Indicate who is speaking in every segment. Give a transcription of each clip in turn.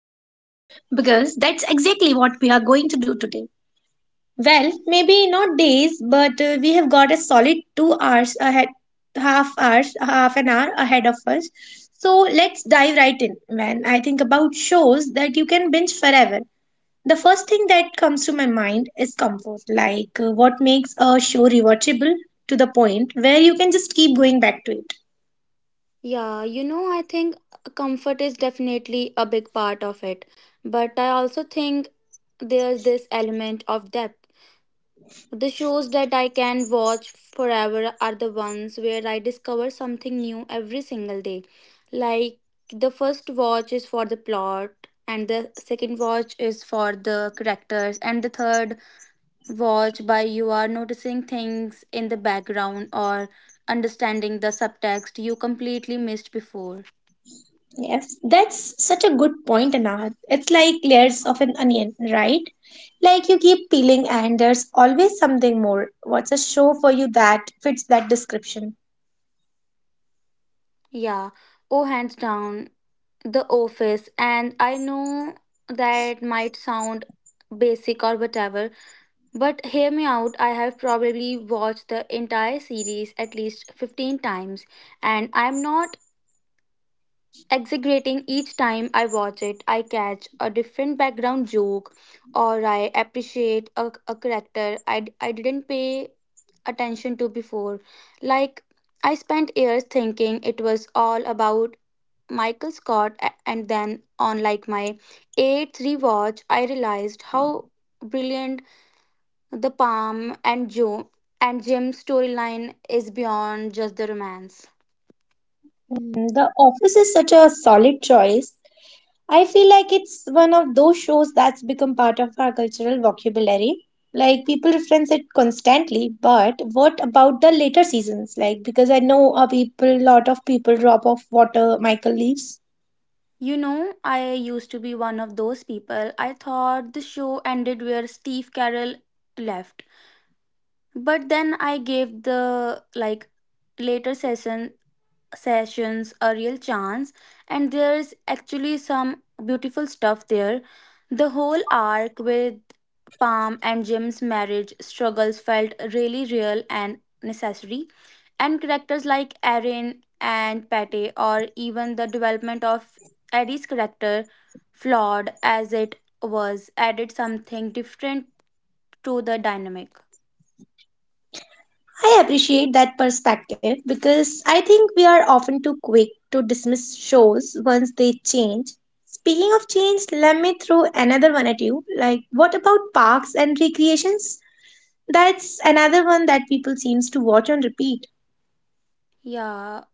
Speaker 1: Perfect, because that's exactly what we are going to do today. Well, maybe not days, but we have got a solid 2 hours ahead, half hours, half an hour ahead of us. So let's dive right in, man. I think about shows that you can binge forever. The first thing that comes to my mind is comfort, like what makes a show rewatchable to the point where you can just keep going back to it.
Speaker 2: I think comfort is definitely a big part of it, but I also think there's this element of depth. The shows that I can watch forever are the ones where I discover something new every single day. Like the first watch is for the plot, and the second watch is for the characters, and the third watch by you are noticing things in the background or understanding the subtext you completely missed before.
Speaker 1: Yes, that's such a good point, Anahat. It's like layers of an onion, right? Like you keep peeling, and there's always something more. What's a show for you that fits that description?
Speaker 2: Yeah, oh, Hands down, The Office, and I know that might sound basic or whatever. But hear me out, I have probably watched the entire series at least 15 times, and I'm not exaggerating each time I watch it. I catch a different background joke, or I appreciate a character I didn't pay attention to before. Like, I spent years thinking it was all about Michael Scott, and then on like my eighth rewatch, I realized how brilliant the Palm and Joe and Jim storyline is beyond just the romance.
Speaker 1: Mm, The Office is such a solid choice. I feel like it's one of those shows that's become part of our cultural vocabulary. Like people reference it constantly, but what about the later seasons? Like because I know lot of people drop off water Michael leaves.
Speaker 2: I used to be one of those people. I thought the show ended where Steve Carell left. But then I gave the like later sessions a real chance, and there's actually some beautiful stuff there. The whole arc with Palm and Jim's marriage struggles felt really real and necessary, and characters like Erin and Patty, or even the development of Eddie's character, flawed as it was, added something different to the dynamic.
Speaker 1: I appreciate that perspective because I think we are often too quick to dismiss shows once they change. Speaking of change, let me throw another one at you. Like what about Parks and Recreations? That's another one that people seems to watch on repeat.
Speaker 2: Yeah,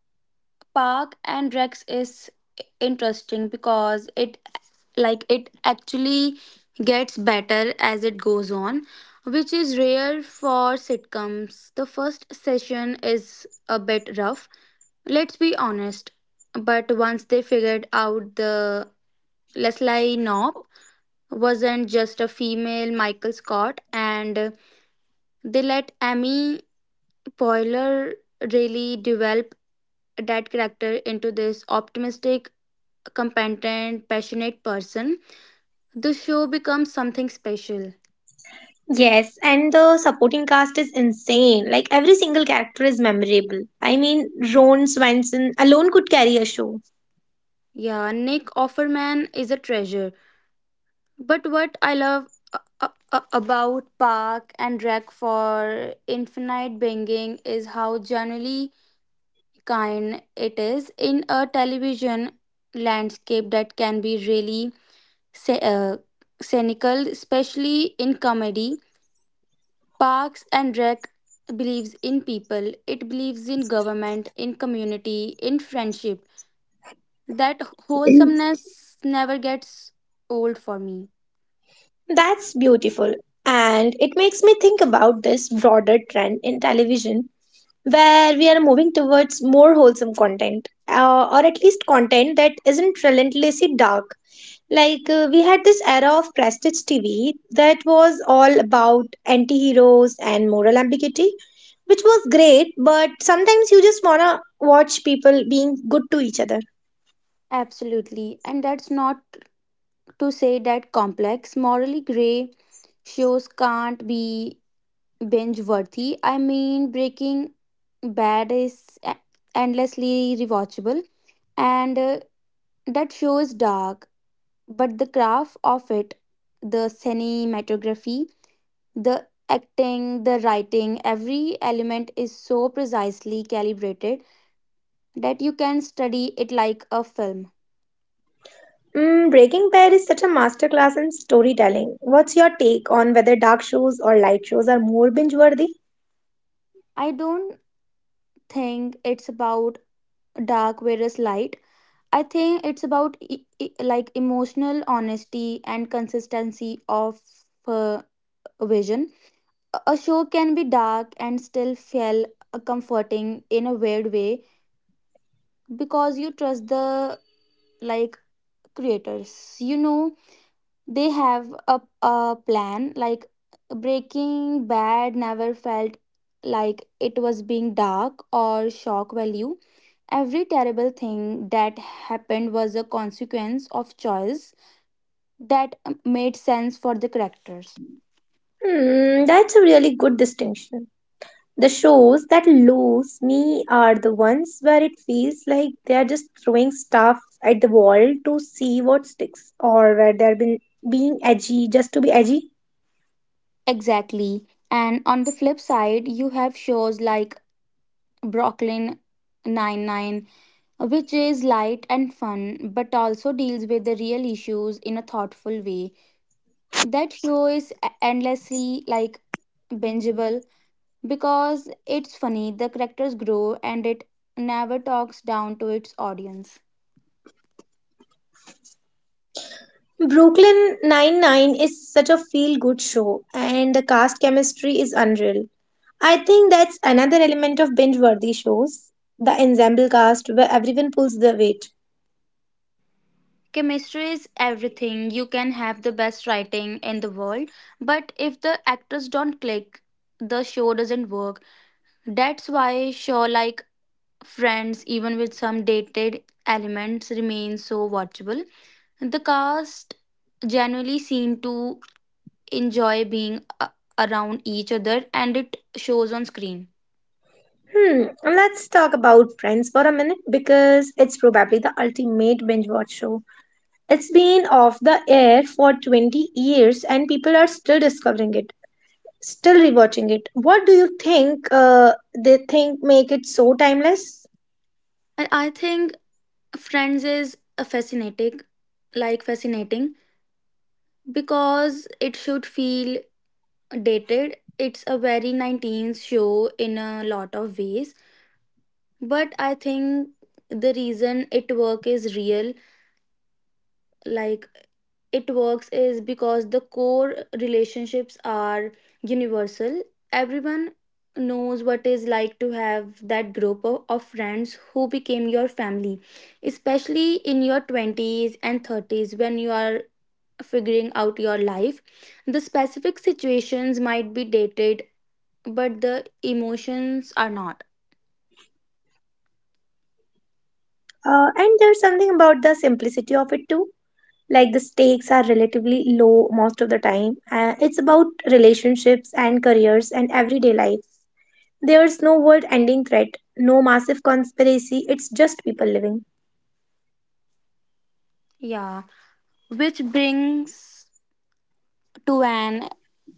Speaker 2: Park and Rex is interesting because it actually gets better as it goes on, which is rare for sitcoms. The first session is a bit rough, let's be honest, but once they figured out the Leslie Knopp wasn't just a female Michael Scott, and they let Amy Poehler really develop that character into this optimistic, competent, passionate person, the show becomes something special.
Speaker 1: Yes, and the supporting cast is insane. Like every single character is memorable. I mean, Ron Swanson alone could carry a show.
Speaker 2: Yeah, Nick Offerman is a treasure. But what I love a- about Park and Drag for Infinite Binging is how genuinely kind it is in a television landscape that can be really sa- uh, cynical, especially in comedy. Parks and Rec believes in people, it believes in government, in community, in friendship. That wholesomeness never gets old for me.
Speaker 1: That's beautiful. And it makes me think about this broader trend in television where we are moving towards more wholesome content, or at least content that isn't relentlessly dark. Like, we had this era of prestige TV that was all about anti heroes and moral ambiguity, which was great, but sometimes you just wanna watch people being good to each other.
Speaker 2: Absolutely. And that's not to say that complex, morally gray shows can't be binge worthy. I mean, Breaking Bad is endlessly rewatchable, and that show is dark, but the craft of it, the cinematography, the acting, the writing, every element is so precisely calibrated that you can study it like a film.
Speaker 1: Mm, Breaking Bad is such a masterclass in storytelling. What's your take on whether dark shows or light shows are more binge worthy?
Speaker 2: I don't think it's about dark versus light. I think it's about emotional honesty and consistency of uh, vision. A show can be dark and still feel comforting in a weird way, because you trust the like creators. You know, they have a plan. Like, Breaking Bad never felt like it was being dark or shock value. Every terrible thing that happened was a consequence of choice that made sense for the characters.
Speaker 1: Hmm, that's a really good distinction. The shows that lose me are the ones where it feels like they are just throwing stuff at the wall to see what sticks, or where they're been being edgy just to be edgy.
Speaker 2: Exactly. And on the flip side, you have shows like brooklyn Nine Nine, which is light and fun but also deals with the real issues in a thoughtful way. That show is e- endlessly like bingeable because it's funny, the characters grow, and it never talks down to its audience.
Speaker 1: Brooklyn Nine-Nine is such a feel-good show, and the cast chemistry is unreal. I think that's another element of binge-worthy shows, the ensemble cast where everyone pulls their weight.
Speaker 2: Chemistry is everything. You can have the best writing in the world, but if the actors don't click, the show doesn't work. That's why show like Friends, even with some dated elements, remains so watchable. The cast genuinely seem to enjoy being around each other, and it shows on screen.
Speaker 1: Hmm, let's talk about Friends for a minute because it's probably the ultimate binge watch show. It's been off the air for 20 years and people are still discovering it, still rewatching it. What do you think they think make it so timeless?
Speaker 2: And I think Friends is a fascinating like fascinating, because it should feel dated. It's a very 19s show in a lot of ways, but I think the reason like it works is because the core relationships are universal. Everyone knows what it's like to have that group of friends who became your family, especially in your 20s and 30s when you are figuring out your life. The specific situations might be dated, but the emotions are not.
Speaker 1: And there's something about the simplicity of it too. Like the stakes are relatively low most of the time. It's about relationships and careers and everyday life. There's no world ending threat, no massive conspiracy, it's just people living.
Speaker 2: Yeah. Which brings to an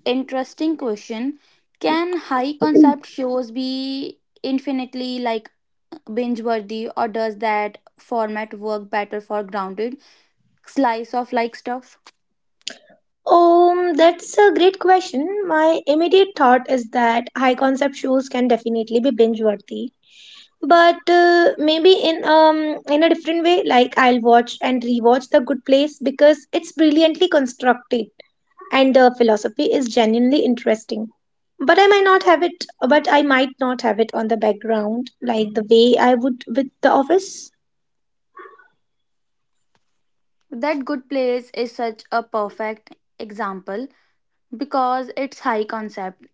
Speaker 2: interesting question. Can high concept shows be infinitely like binge worthy, or does that format work better for grounded slice of stuff?
Speaker 1: That's a great question. My immediate thought is that high concept shows can definitely be binge worthy, but maybe in in a different way. Like I'll watch and rewatch The Good Place because it's brilliantly constructed and the philosophy is genuinely interesting. But I might not have it on the background like the way I would with The Office.
Speaker 2: That good place is such a perfect example because it's high concept.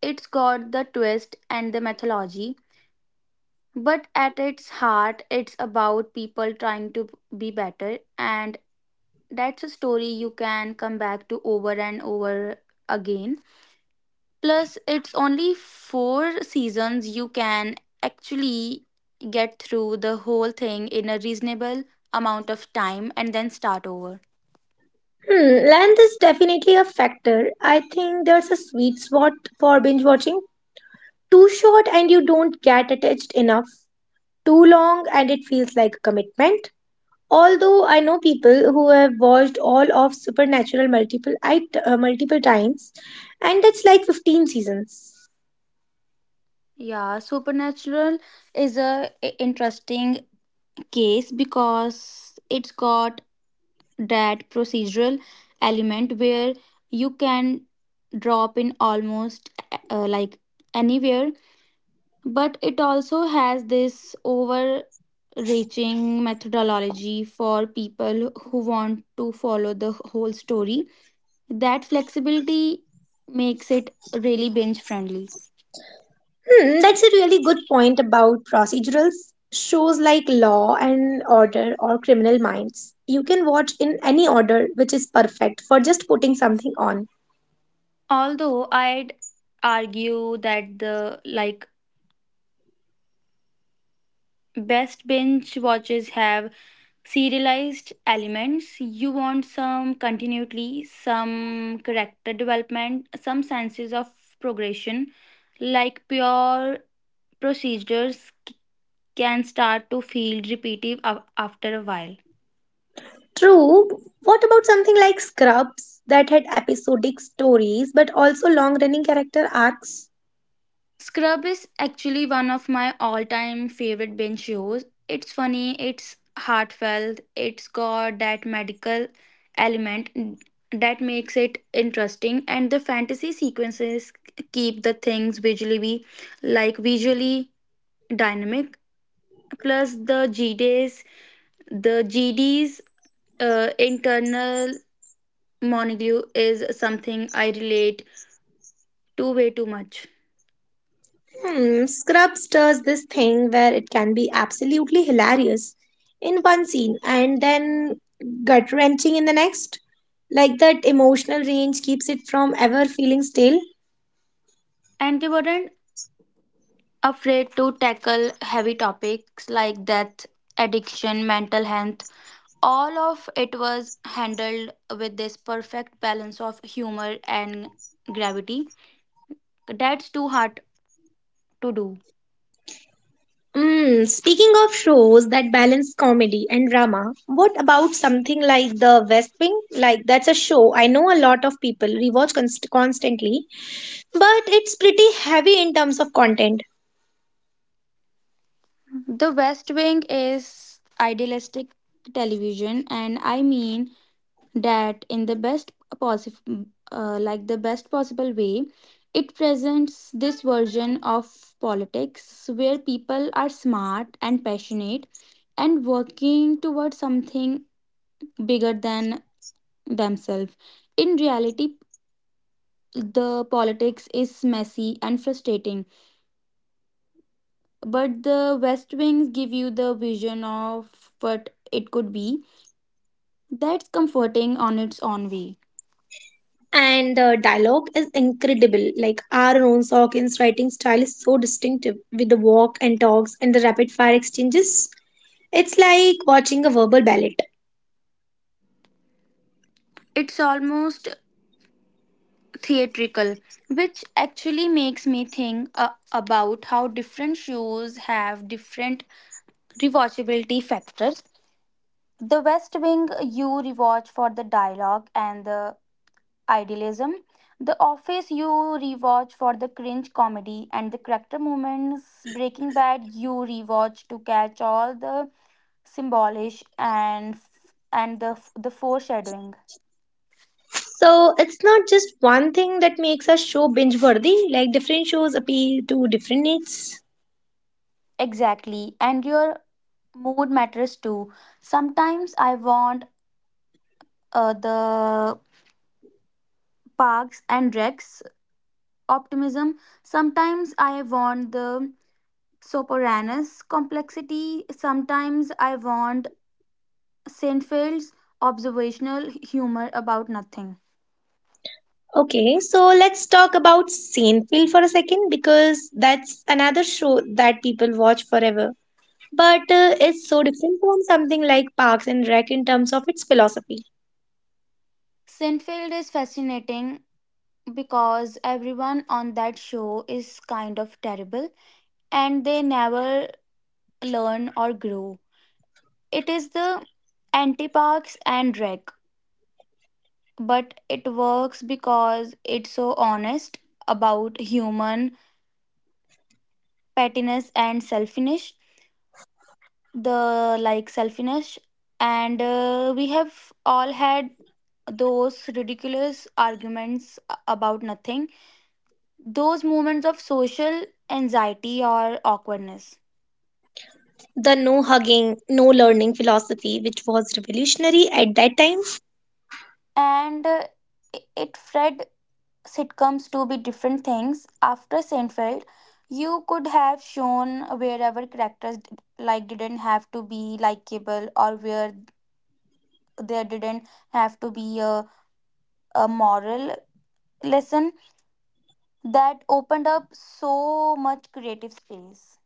Speaker 2: It's got the twist and the mythology, but at its heart it's about people trying to be better, and that's a story you can come back to over and over again. Plus, it's only four seasons. You can actually get through the whole thing in a reasonable amount of time and then start over.
Speaker 1: Hmm, length is definitely a factor. I think there's a sweet spot for binge watching. Too short and you don't get attached enough. Too long and it feels like a commitment. Although I know people who have watched all of Supernatural multiple times, and that's like 15 seasons.
Speaker 2: Yeah, Supernatural is interesting case because it's got that procedural element where you can drop in almost uh, like anywhere, but it also has this overreaching methodology for people who want to follow the whole story. That flexibility makes it really binge friendly.
Speaker 1: Hmm, that's a really good point about procedurals. Shows like Law and Order or Criminal Minds, you can watch in any order, which is perfect for just putting something on.
Speaker 2: Although I'd argue that the like best binge watches have serialized elements. You want some continuity, some character development, some senses of progression. Like, pure procedures can start to feel repetitive after a while.
Speaker 1: True. What about something like Scrubs that had episodic stories but also long running character arcs?
Speaker 2: Scrub is actually one of my all time favorite binge shows. It's funny, it's heartfelt, it's got that medical element that makes it interesting, and the fantasy sequences keep the things visually dynamic. Plus the GDs, the GDs internal monologue is something I relate to way too much.
Speaker 1: Hmm, Scrubs does this thing where it can be absolutely hilarious in one scene and then gut wrenching in the next. Like that emotional range keeps it from ever feeling stale.
Speaker 2: And they weren't afraid to tackle heavy topics like death, addiction, mental health. All of it was handled with this perfect balance of humor and gravity. That's too hard to do.
Speaker 1: Mm, speaking of shows that balance comedy and drama, what about something like The West Wing? Like, that's a show I know a lot of people rewatch constantly, but it's pretty heavy in terms of content.
Speaker 2: The West Wing is idealistic television, and I mean that in possible the best possible way. It presents this version of politics where people are smart and passionate and working towards something bigger than themselves. In reality, the politics is messy and frustrating, but the west wings give you the vision of what it could be. That's comforting on its own way.
Speaker 1: And the dialogue is incredible. Like Aaron Sorkin's writing style is so distinctive with the walk and talks and the rapid fire exchanges. It's like watching a verbal ballet.
Speaker 2: It's almost theatrical, which actually makes me think about how different shows have different rewatchability factors. The West Wing you rewatch for the dialogue and the idealism. The Office you rewatch for the cringe comedy and the character moments. Breaking Bad you rewatch to catch all the symbolish and the foreshadowing.
Speaker 1: So it's not just one thing that makes a show binge worthy. Like different shows appeal to different needs.
Speaker 2: Exactly. And your mood matters too. Sometimes I want the parks and recs optimism. Sometimes I want the Soporanus complexity. Sometimes I want Seinfeld's observational humor about nothing.
Speaker 1: Okay, so let's talk about Seinfeld for a second because that's another show that people watch forever, but it's so different from something like Parks and Rec in terms of its philosophy.
Speaker 2: Seinfeld is fascinating because everyone on that show is kind of terrible, and they never learn or grow. It is the anti parks and rec, but it works because it's so honest about human pettiness and selfishness, the like selfishness. And we have all had those ridiculous arguments about nothing, those moments of social anxiety or awkwardness.
Speaker 1: The no hugging, no learning philosophy, which was revolutionary at that time.
Speaker 2: And it fed sitcoms to be different things. After Seinfeld, you could have shown wherever characters d- like didn't have to be likable, or where there didn't have to be a moral lesson. That opened up so much creative space.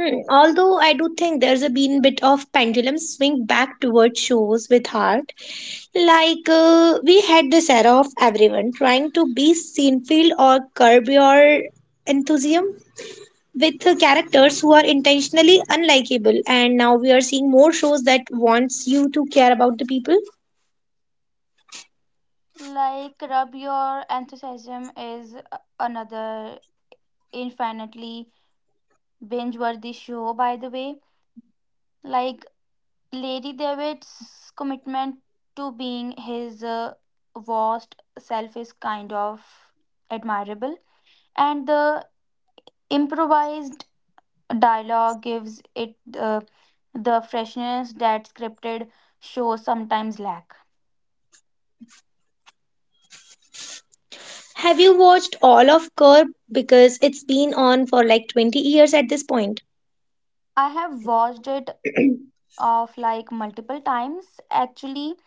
Speaker 1: Hmm, although I do think there's a been bit of pendulum swing back towards shows with heart. Like we had this era of everyone trying to be Seinfeld or Curb Your Enthusiasm with characters who are intentionally unlikable, and now we are seeing more shows that wants you to care about the people.
Speaker 2: Like Rub Your Enthusiasm is another infinitely binge worthy show, by the way. Like, Lady David's commitment to being his vast self is kind of admirable, and the improvised dialogue gives it the freshness that scripted shows sometimes lack.
Speaker 1: Have you watched all of Curb? Because it's been on for like 20 years at this point.
Speaker 2: I have watched it of like multiple times actually.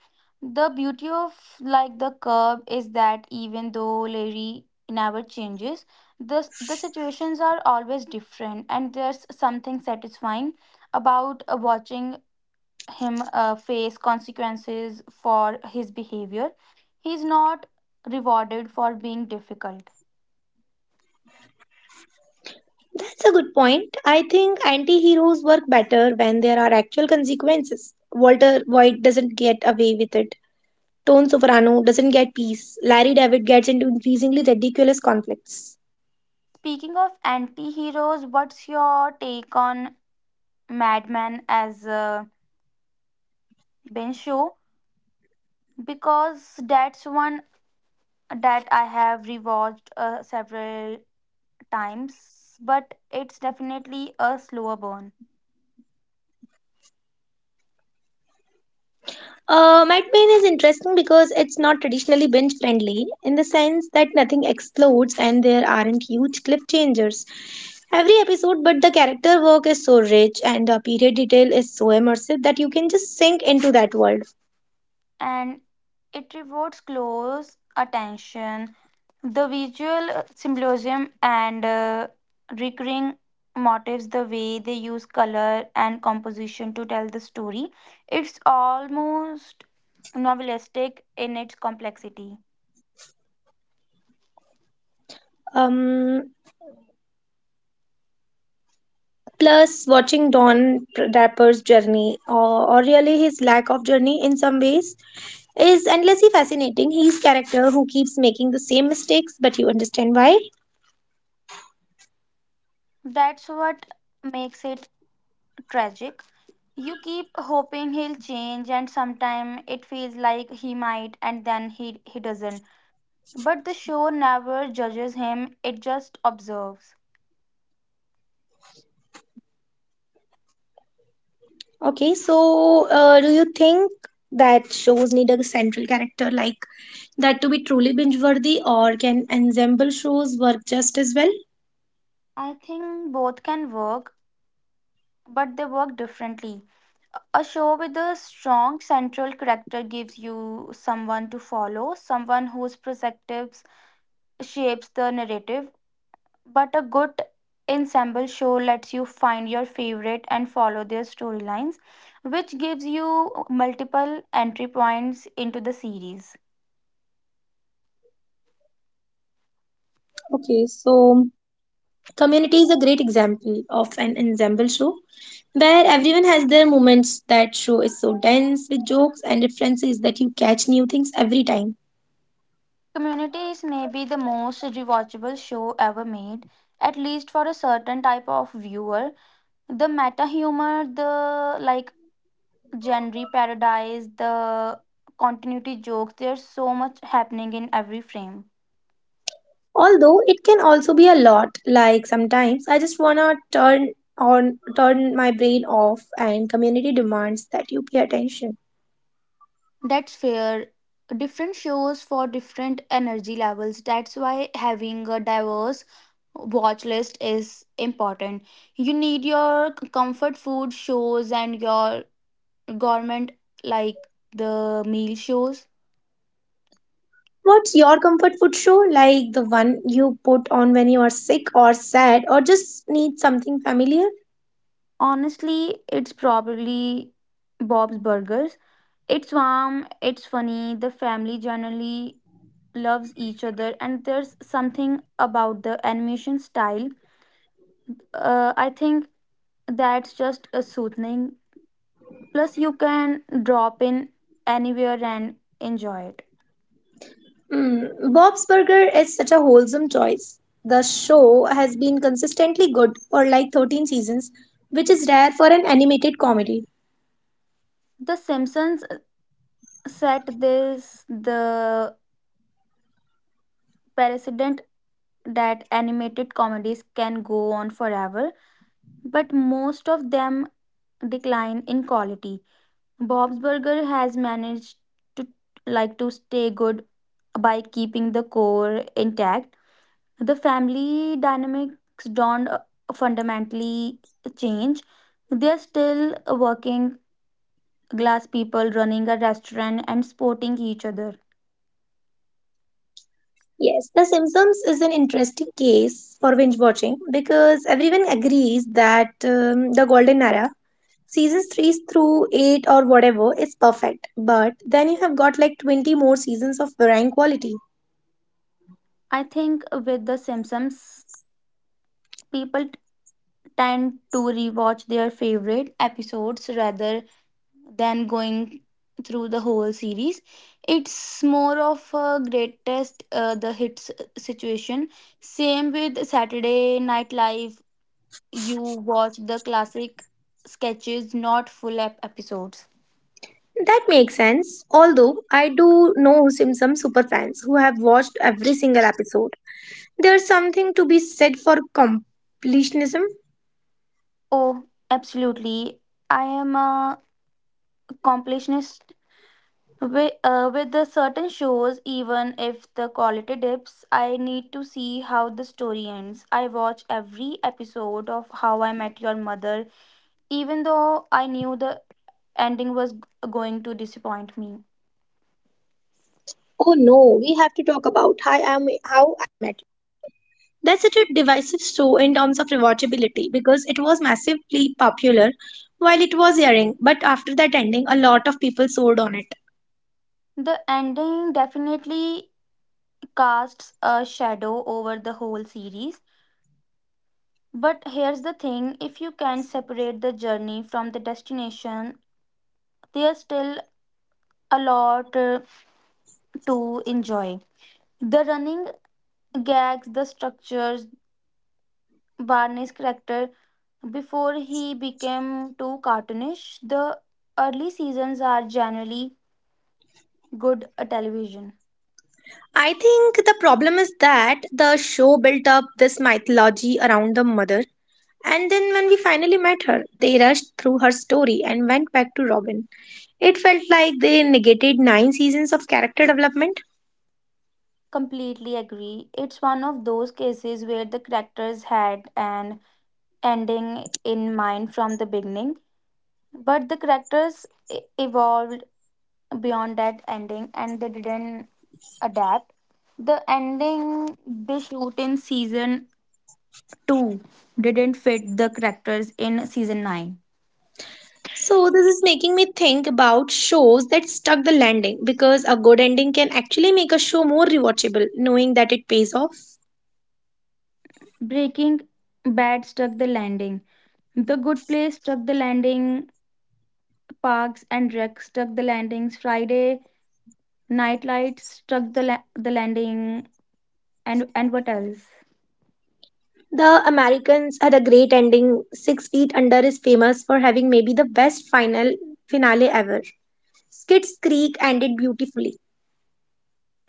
Speaker 2: The beauty of the curb is that even though Larry never changes, the situations are always different, and there's something satisfying about watching him face consequences for his behavior. He's not rewarded for being difficult.
Speaker 1: That's a good point. I think anti heroes work better when there are actual consequences. Walter White doesn't get away with it. Tone Soprano doesn't get peace. Larry David gets into increasingly ridiculous conflicts.
Speaker 2: Speaking of anti-heroes, what's your take on madman as a ben show, because that's one that I have rewatched several times, but it's definitely a slower burn.
Speaker 1: Madman is interesting because it's not traditionally binge friendly in the sense that nothing explodes and there aren't huge cliff changers every episode, but the character work is so rich and the period detail is so immersive that you can just sink into that world.
Speaker 2: And it rewards close attention, the visual symbolism, and recurring motifs, the way they use color and composition to tell the story. It's almost novelistic in its complexity.
Speaker 1: Um, plus, watching Don Draper's journey, or really his lack of journey in some ways, is endlessly fascinating. He's character who keeps making the same mistakes, but you understand why.
Speaker 2: That's what makes it tragic. You keep hoping he'll change, and sometimes it feels like he might, and then he doesn't. But the show never judges him, it just observes.
Speaker 1: Okay, so do you think that shows need a central character like that to be truly binge-worthy, or can ensemble shows work just as well?
Speaker 2: I think both can work, but they work differently. A show with a strong central character gives you someone to follow, someone whose perspectives shapes the narrative. But a good ensemble show lets you find your favorite and follow their storylines, which gives you multiple entry points into the series.
Speaker 1: Okay, so Community is a great example of an ensemble show where everyone has their moments. That show is so dense with jokes and references that you catch new things every time.
Speaker 2: Community is maybe the most rewatchable show ever made, at least for a certain type of viewer. The meta humor, the like genre paradise, the continuity jokes, there's so much happening in every frame.
Speaker 1: Although it can also be a lot, like sometimes I just wanna turn my brain off and Community demands that you pay attention.
Speaker 2: That's fair. Different shows for different energy levels. That's why having a diverse watch list is important. You need your comfort food shows and your government, like the meal shows.
Speaker 1: What's your comfort food show? Like the one you put on when you are sick or sad or just need something familiar?
Speaker 2: Honestly, it's probably Bob's Burgers. It's warm, it's funny, the family generally loves each other and there's something about the animation style. I think that's just a soothing. Plus, you can drop in anywhere and enjoy it.
Speaker 1: Mm, Bob's Burger is such a wholesome choice. The show has been consistently good for like 13 seasons, which is rare for an animated comedy.
Speaker 2: The Simpsons set this the precedent that animated comedies can go on forever, but most of them decline in quality. Bob's Burger has managed to stay good by keeping the core intact, the family dynamics don't fundamentally change. They are still working class people running a restaurant and supporting each other.
Speaker 1: Yes, The Simpsons is an interesting case for binge watching because everyone agrees that the golden era seasons 3 through 8 or whatever is perfect, but then you have got like 20 more seasons of varying quality.
Speaker 2: I think with The Simpsons, people tend to rewatch their favorite episodes rather than going through the whole series. It's more of a greatest the hits situation. Same with Saturday Night Live, you watch the classic sketches, not full episodes.
Speaker 1: That makes sense, although I do know some super fans who have watched every single episode. There's something to be said for completionism.
Speaker 2: Oh, absolutely. I am a completionist with the certain shows. Even if the quality dips, I need to see how the story ends. I watch every episode of How I Met Your Mother, even though I knew the ending was going to disappoint me.
Speaker 1: Terms of rewatchability because it was massively popular while it was airing, but after that ending, a lot of people sold on it.
Speaker 2: The ending definitely casts a shadow over the whole series. But here's the thing, if you can separate the journey from the destination, there's still a lot to enjoy. The running gags, the structures, Barney's character, before he became too cartoonish, the early seasons are generally good television.
Speaker 1: I think the problem is that the show built up this mythology around the mother, and then when we finally met her, they rushed through her story and went back to Robin. It felt like they negated 9 seasons of character development.
Speaker 2: Completely agree. It's one of those cases where the characters had an ending in mind from the beginning, but the characters evolved beyond that ending and they didn't adapt. The ending they shoot in season 2 didn't fit the characters in season 9.
Speaker 1: So, this is making me think about shows that stuck the landing because a good ending can actually make a show more rewatchable, knowing that it pays off.
Speaker 2: Breaking Bad stuck the landing. The Good Place stuck the landing. Parks and Rec stuck the landings. Friday Night Lights stuck the landing. And what else?
Speaker 1: The Americans had a great ending. Six Feet Under is famous for having maybe the best finale ever. Schitt's Creek ended beautifully.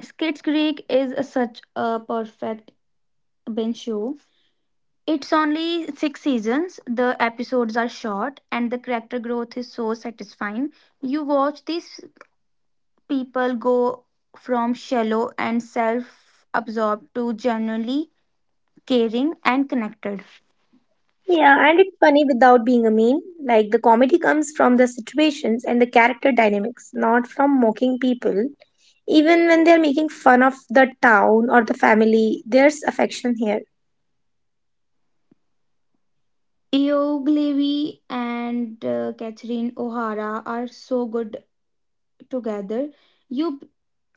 Speaker 2: Schitt's Creek is a, such a perfect binge show. It's only six seasons, the episodes are short, and the character growth is so satisfying. You watch these people go from shallow and self absorbed to genuinely caring and connected.
Speaker 1: Yeah, and it's funny without being a mean. Like the comedy comes from the situations and the character dynamics, not from mocking people. Even when they're making fun of the town or the family, there's affection here.
Speaker 2: Io Levy and Catherine O'Hara are so good together. You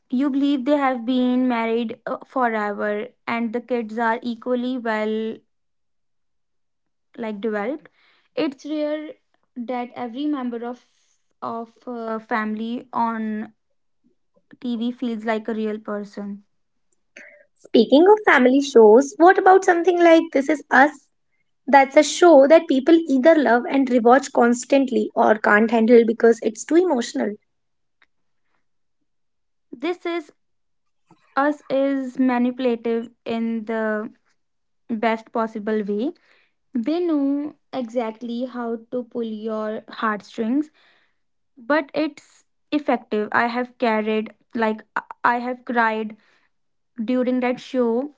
Speaker 2: you believe they have been married forever, and the kids are equally well developed. It's rare that every member of a family on tv feels like a real person.
Speaker 1: Speaking of family shows, what about something like This Is Us? That's a show that people either love and rewatch constantly or can't handle because it's too emotional.
Speaker 2: This is us is manipulative in the best possible way. They know exactly how to pull your heartstrings, but it's effective. I have carried like I have cried during that show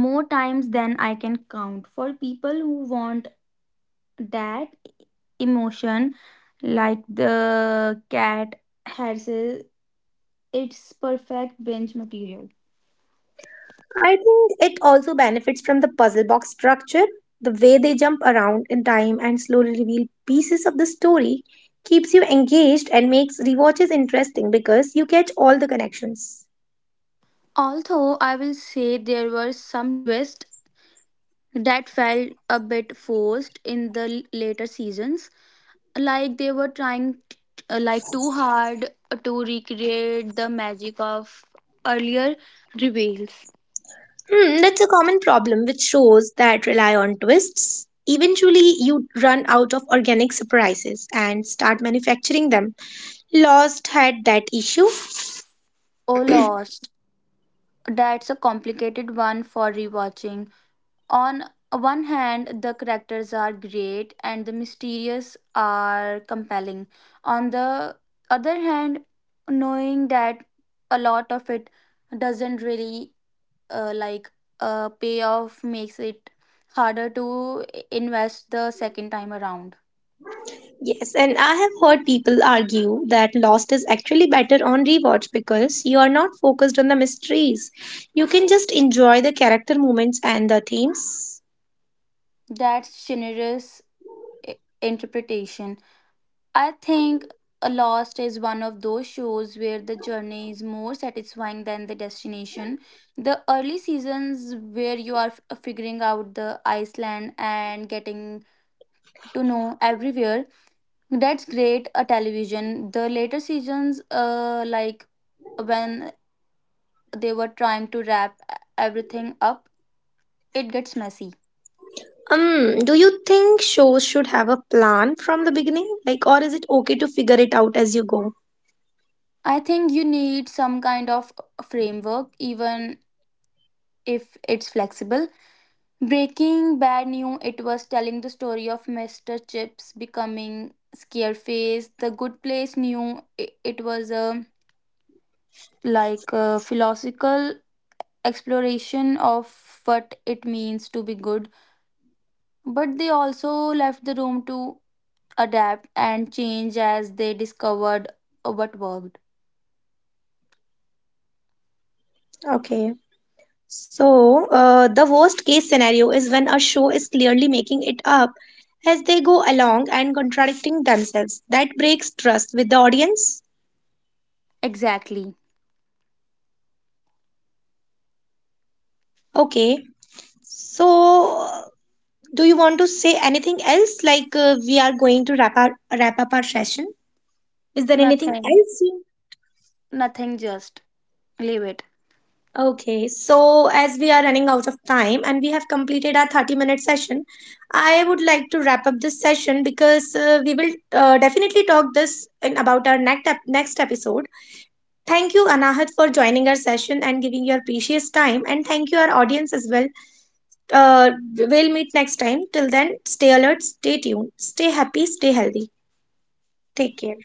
Speaker 2: more times than I can count. For people who want that emotion, like the cat herself, it's perfect binge material.
Speaker 1: I think it also benefits from the puzzle box structure. The way they jump around in time and slowly reveal pieces of the story keeps you engaged and makes rewatches interesting because you catch all the connections.
Speaker 2: Although I will say there were some twists that felt a bit forced in the later seasons, like they were trying too hard to recreate the magic of earlier reveals.
Speaker 1: Hmm, that's a common problem with shows that rely on twists. Eventually, you run out of organic surprises and start manufacturing them. Lost had that issue.
Speaker 2: Oh, lost. That's a complicated one for rewatching. On one hand, the characters are great and the mysterious are compelling. On the other hand, knowing that a lot of it doesn't really uh, like pay off makes it harder to invest the second time around.
Speaker 1: Yes, and I have heard people argue that Lost is actually better on rewatch because you are not focused on the mysteries. You can just enjoy the character moments and the themes.
Speaker 2: That's generous interpretation. I think a Lost is one of those shows where the journey is more satisfying than the destination. The early seasons, where you are figuring out the Iceland and getting to know everywhere, that's great. A television. The later seasons, when they were trying to wrap everything up, it gets messy.
Speaker 1: Do you think shows should have a plan from the beginning? Like, or is it okay to figure it out as you go?
Speaker 2: I think you need some kind of framework, even if it's flexible. Breaking Bad knew it was telling the story of Mr. Chips becoming Scareface. The Good Place knew it was a a philosophical exploration of what it means to be good, but they also left the room to adapt and change as they discovered what worked.
Speaker 1: Okay. So, the worst case scenario is when a show is clearly making it up as they go along and contradicting themselves. That breaks trust with the audience.
Speaker 2: Exactly.
Speaker 1: Okay. So, do you want to say anything else? Like we are going to wrap up our session. Is there anything
Speaker 2: Nothing.
Speaker 1: else? You...
Speaker 2: Nothing. Just leave it.
Speaker 1: Okay. So, as we are running out of time and we have completed our 30-minute session, I would like to wrap up this session because we will definitely talk this in about our next episode. Thank you, Anahat, for joining our session and giving your precious time, and thank you our audience as well. We'll meet next time. Till then, stay alert, stay tuned, stay happy, stay healthy. Take care.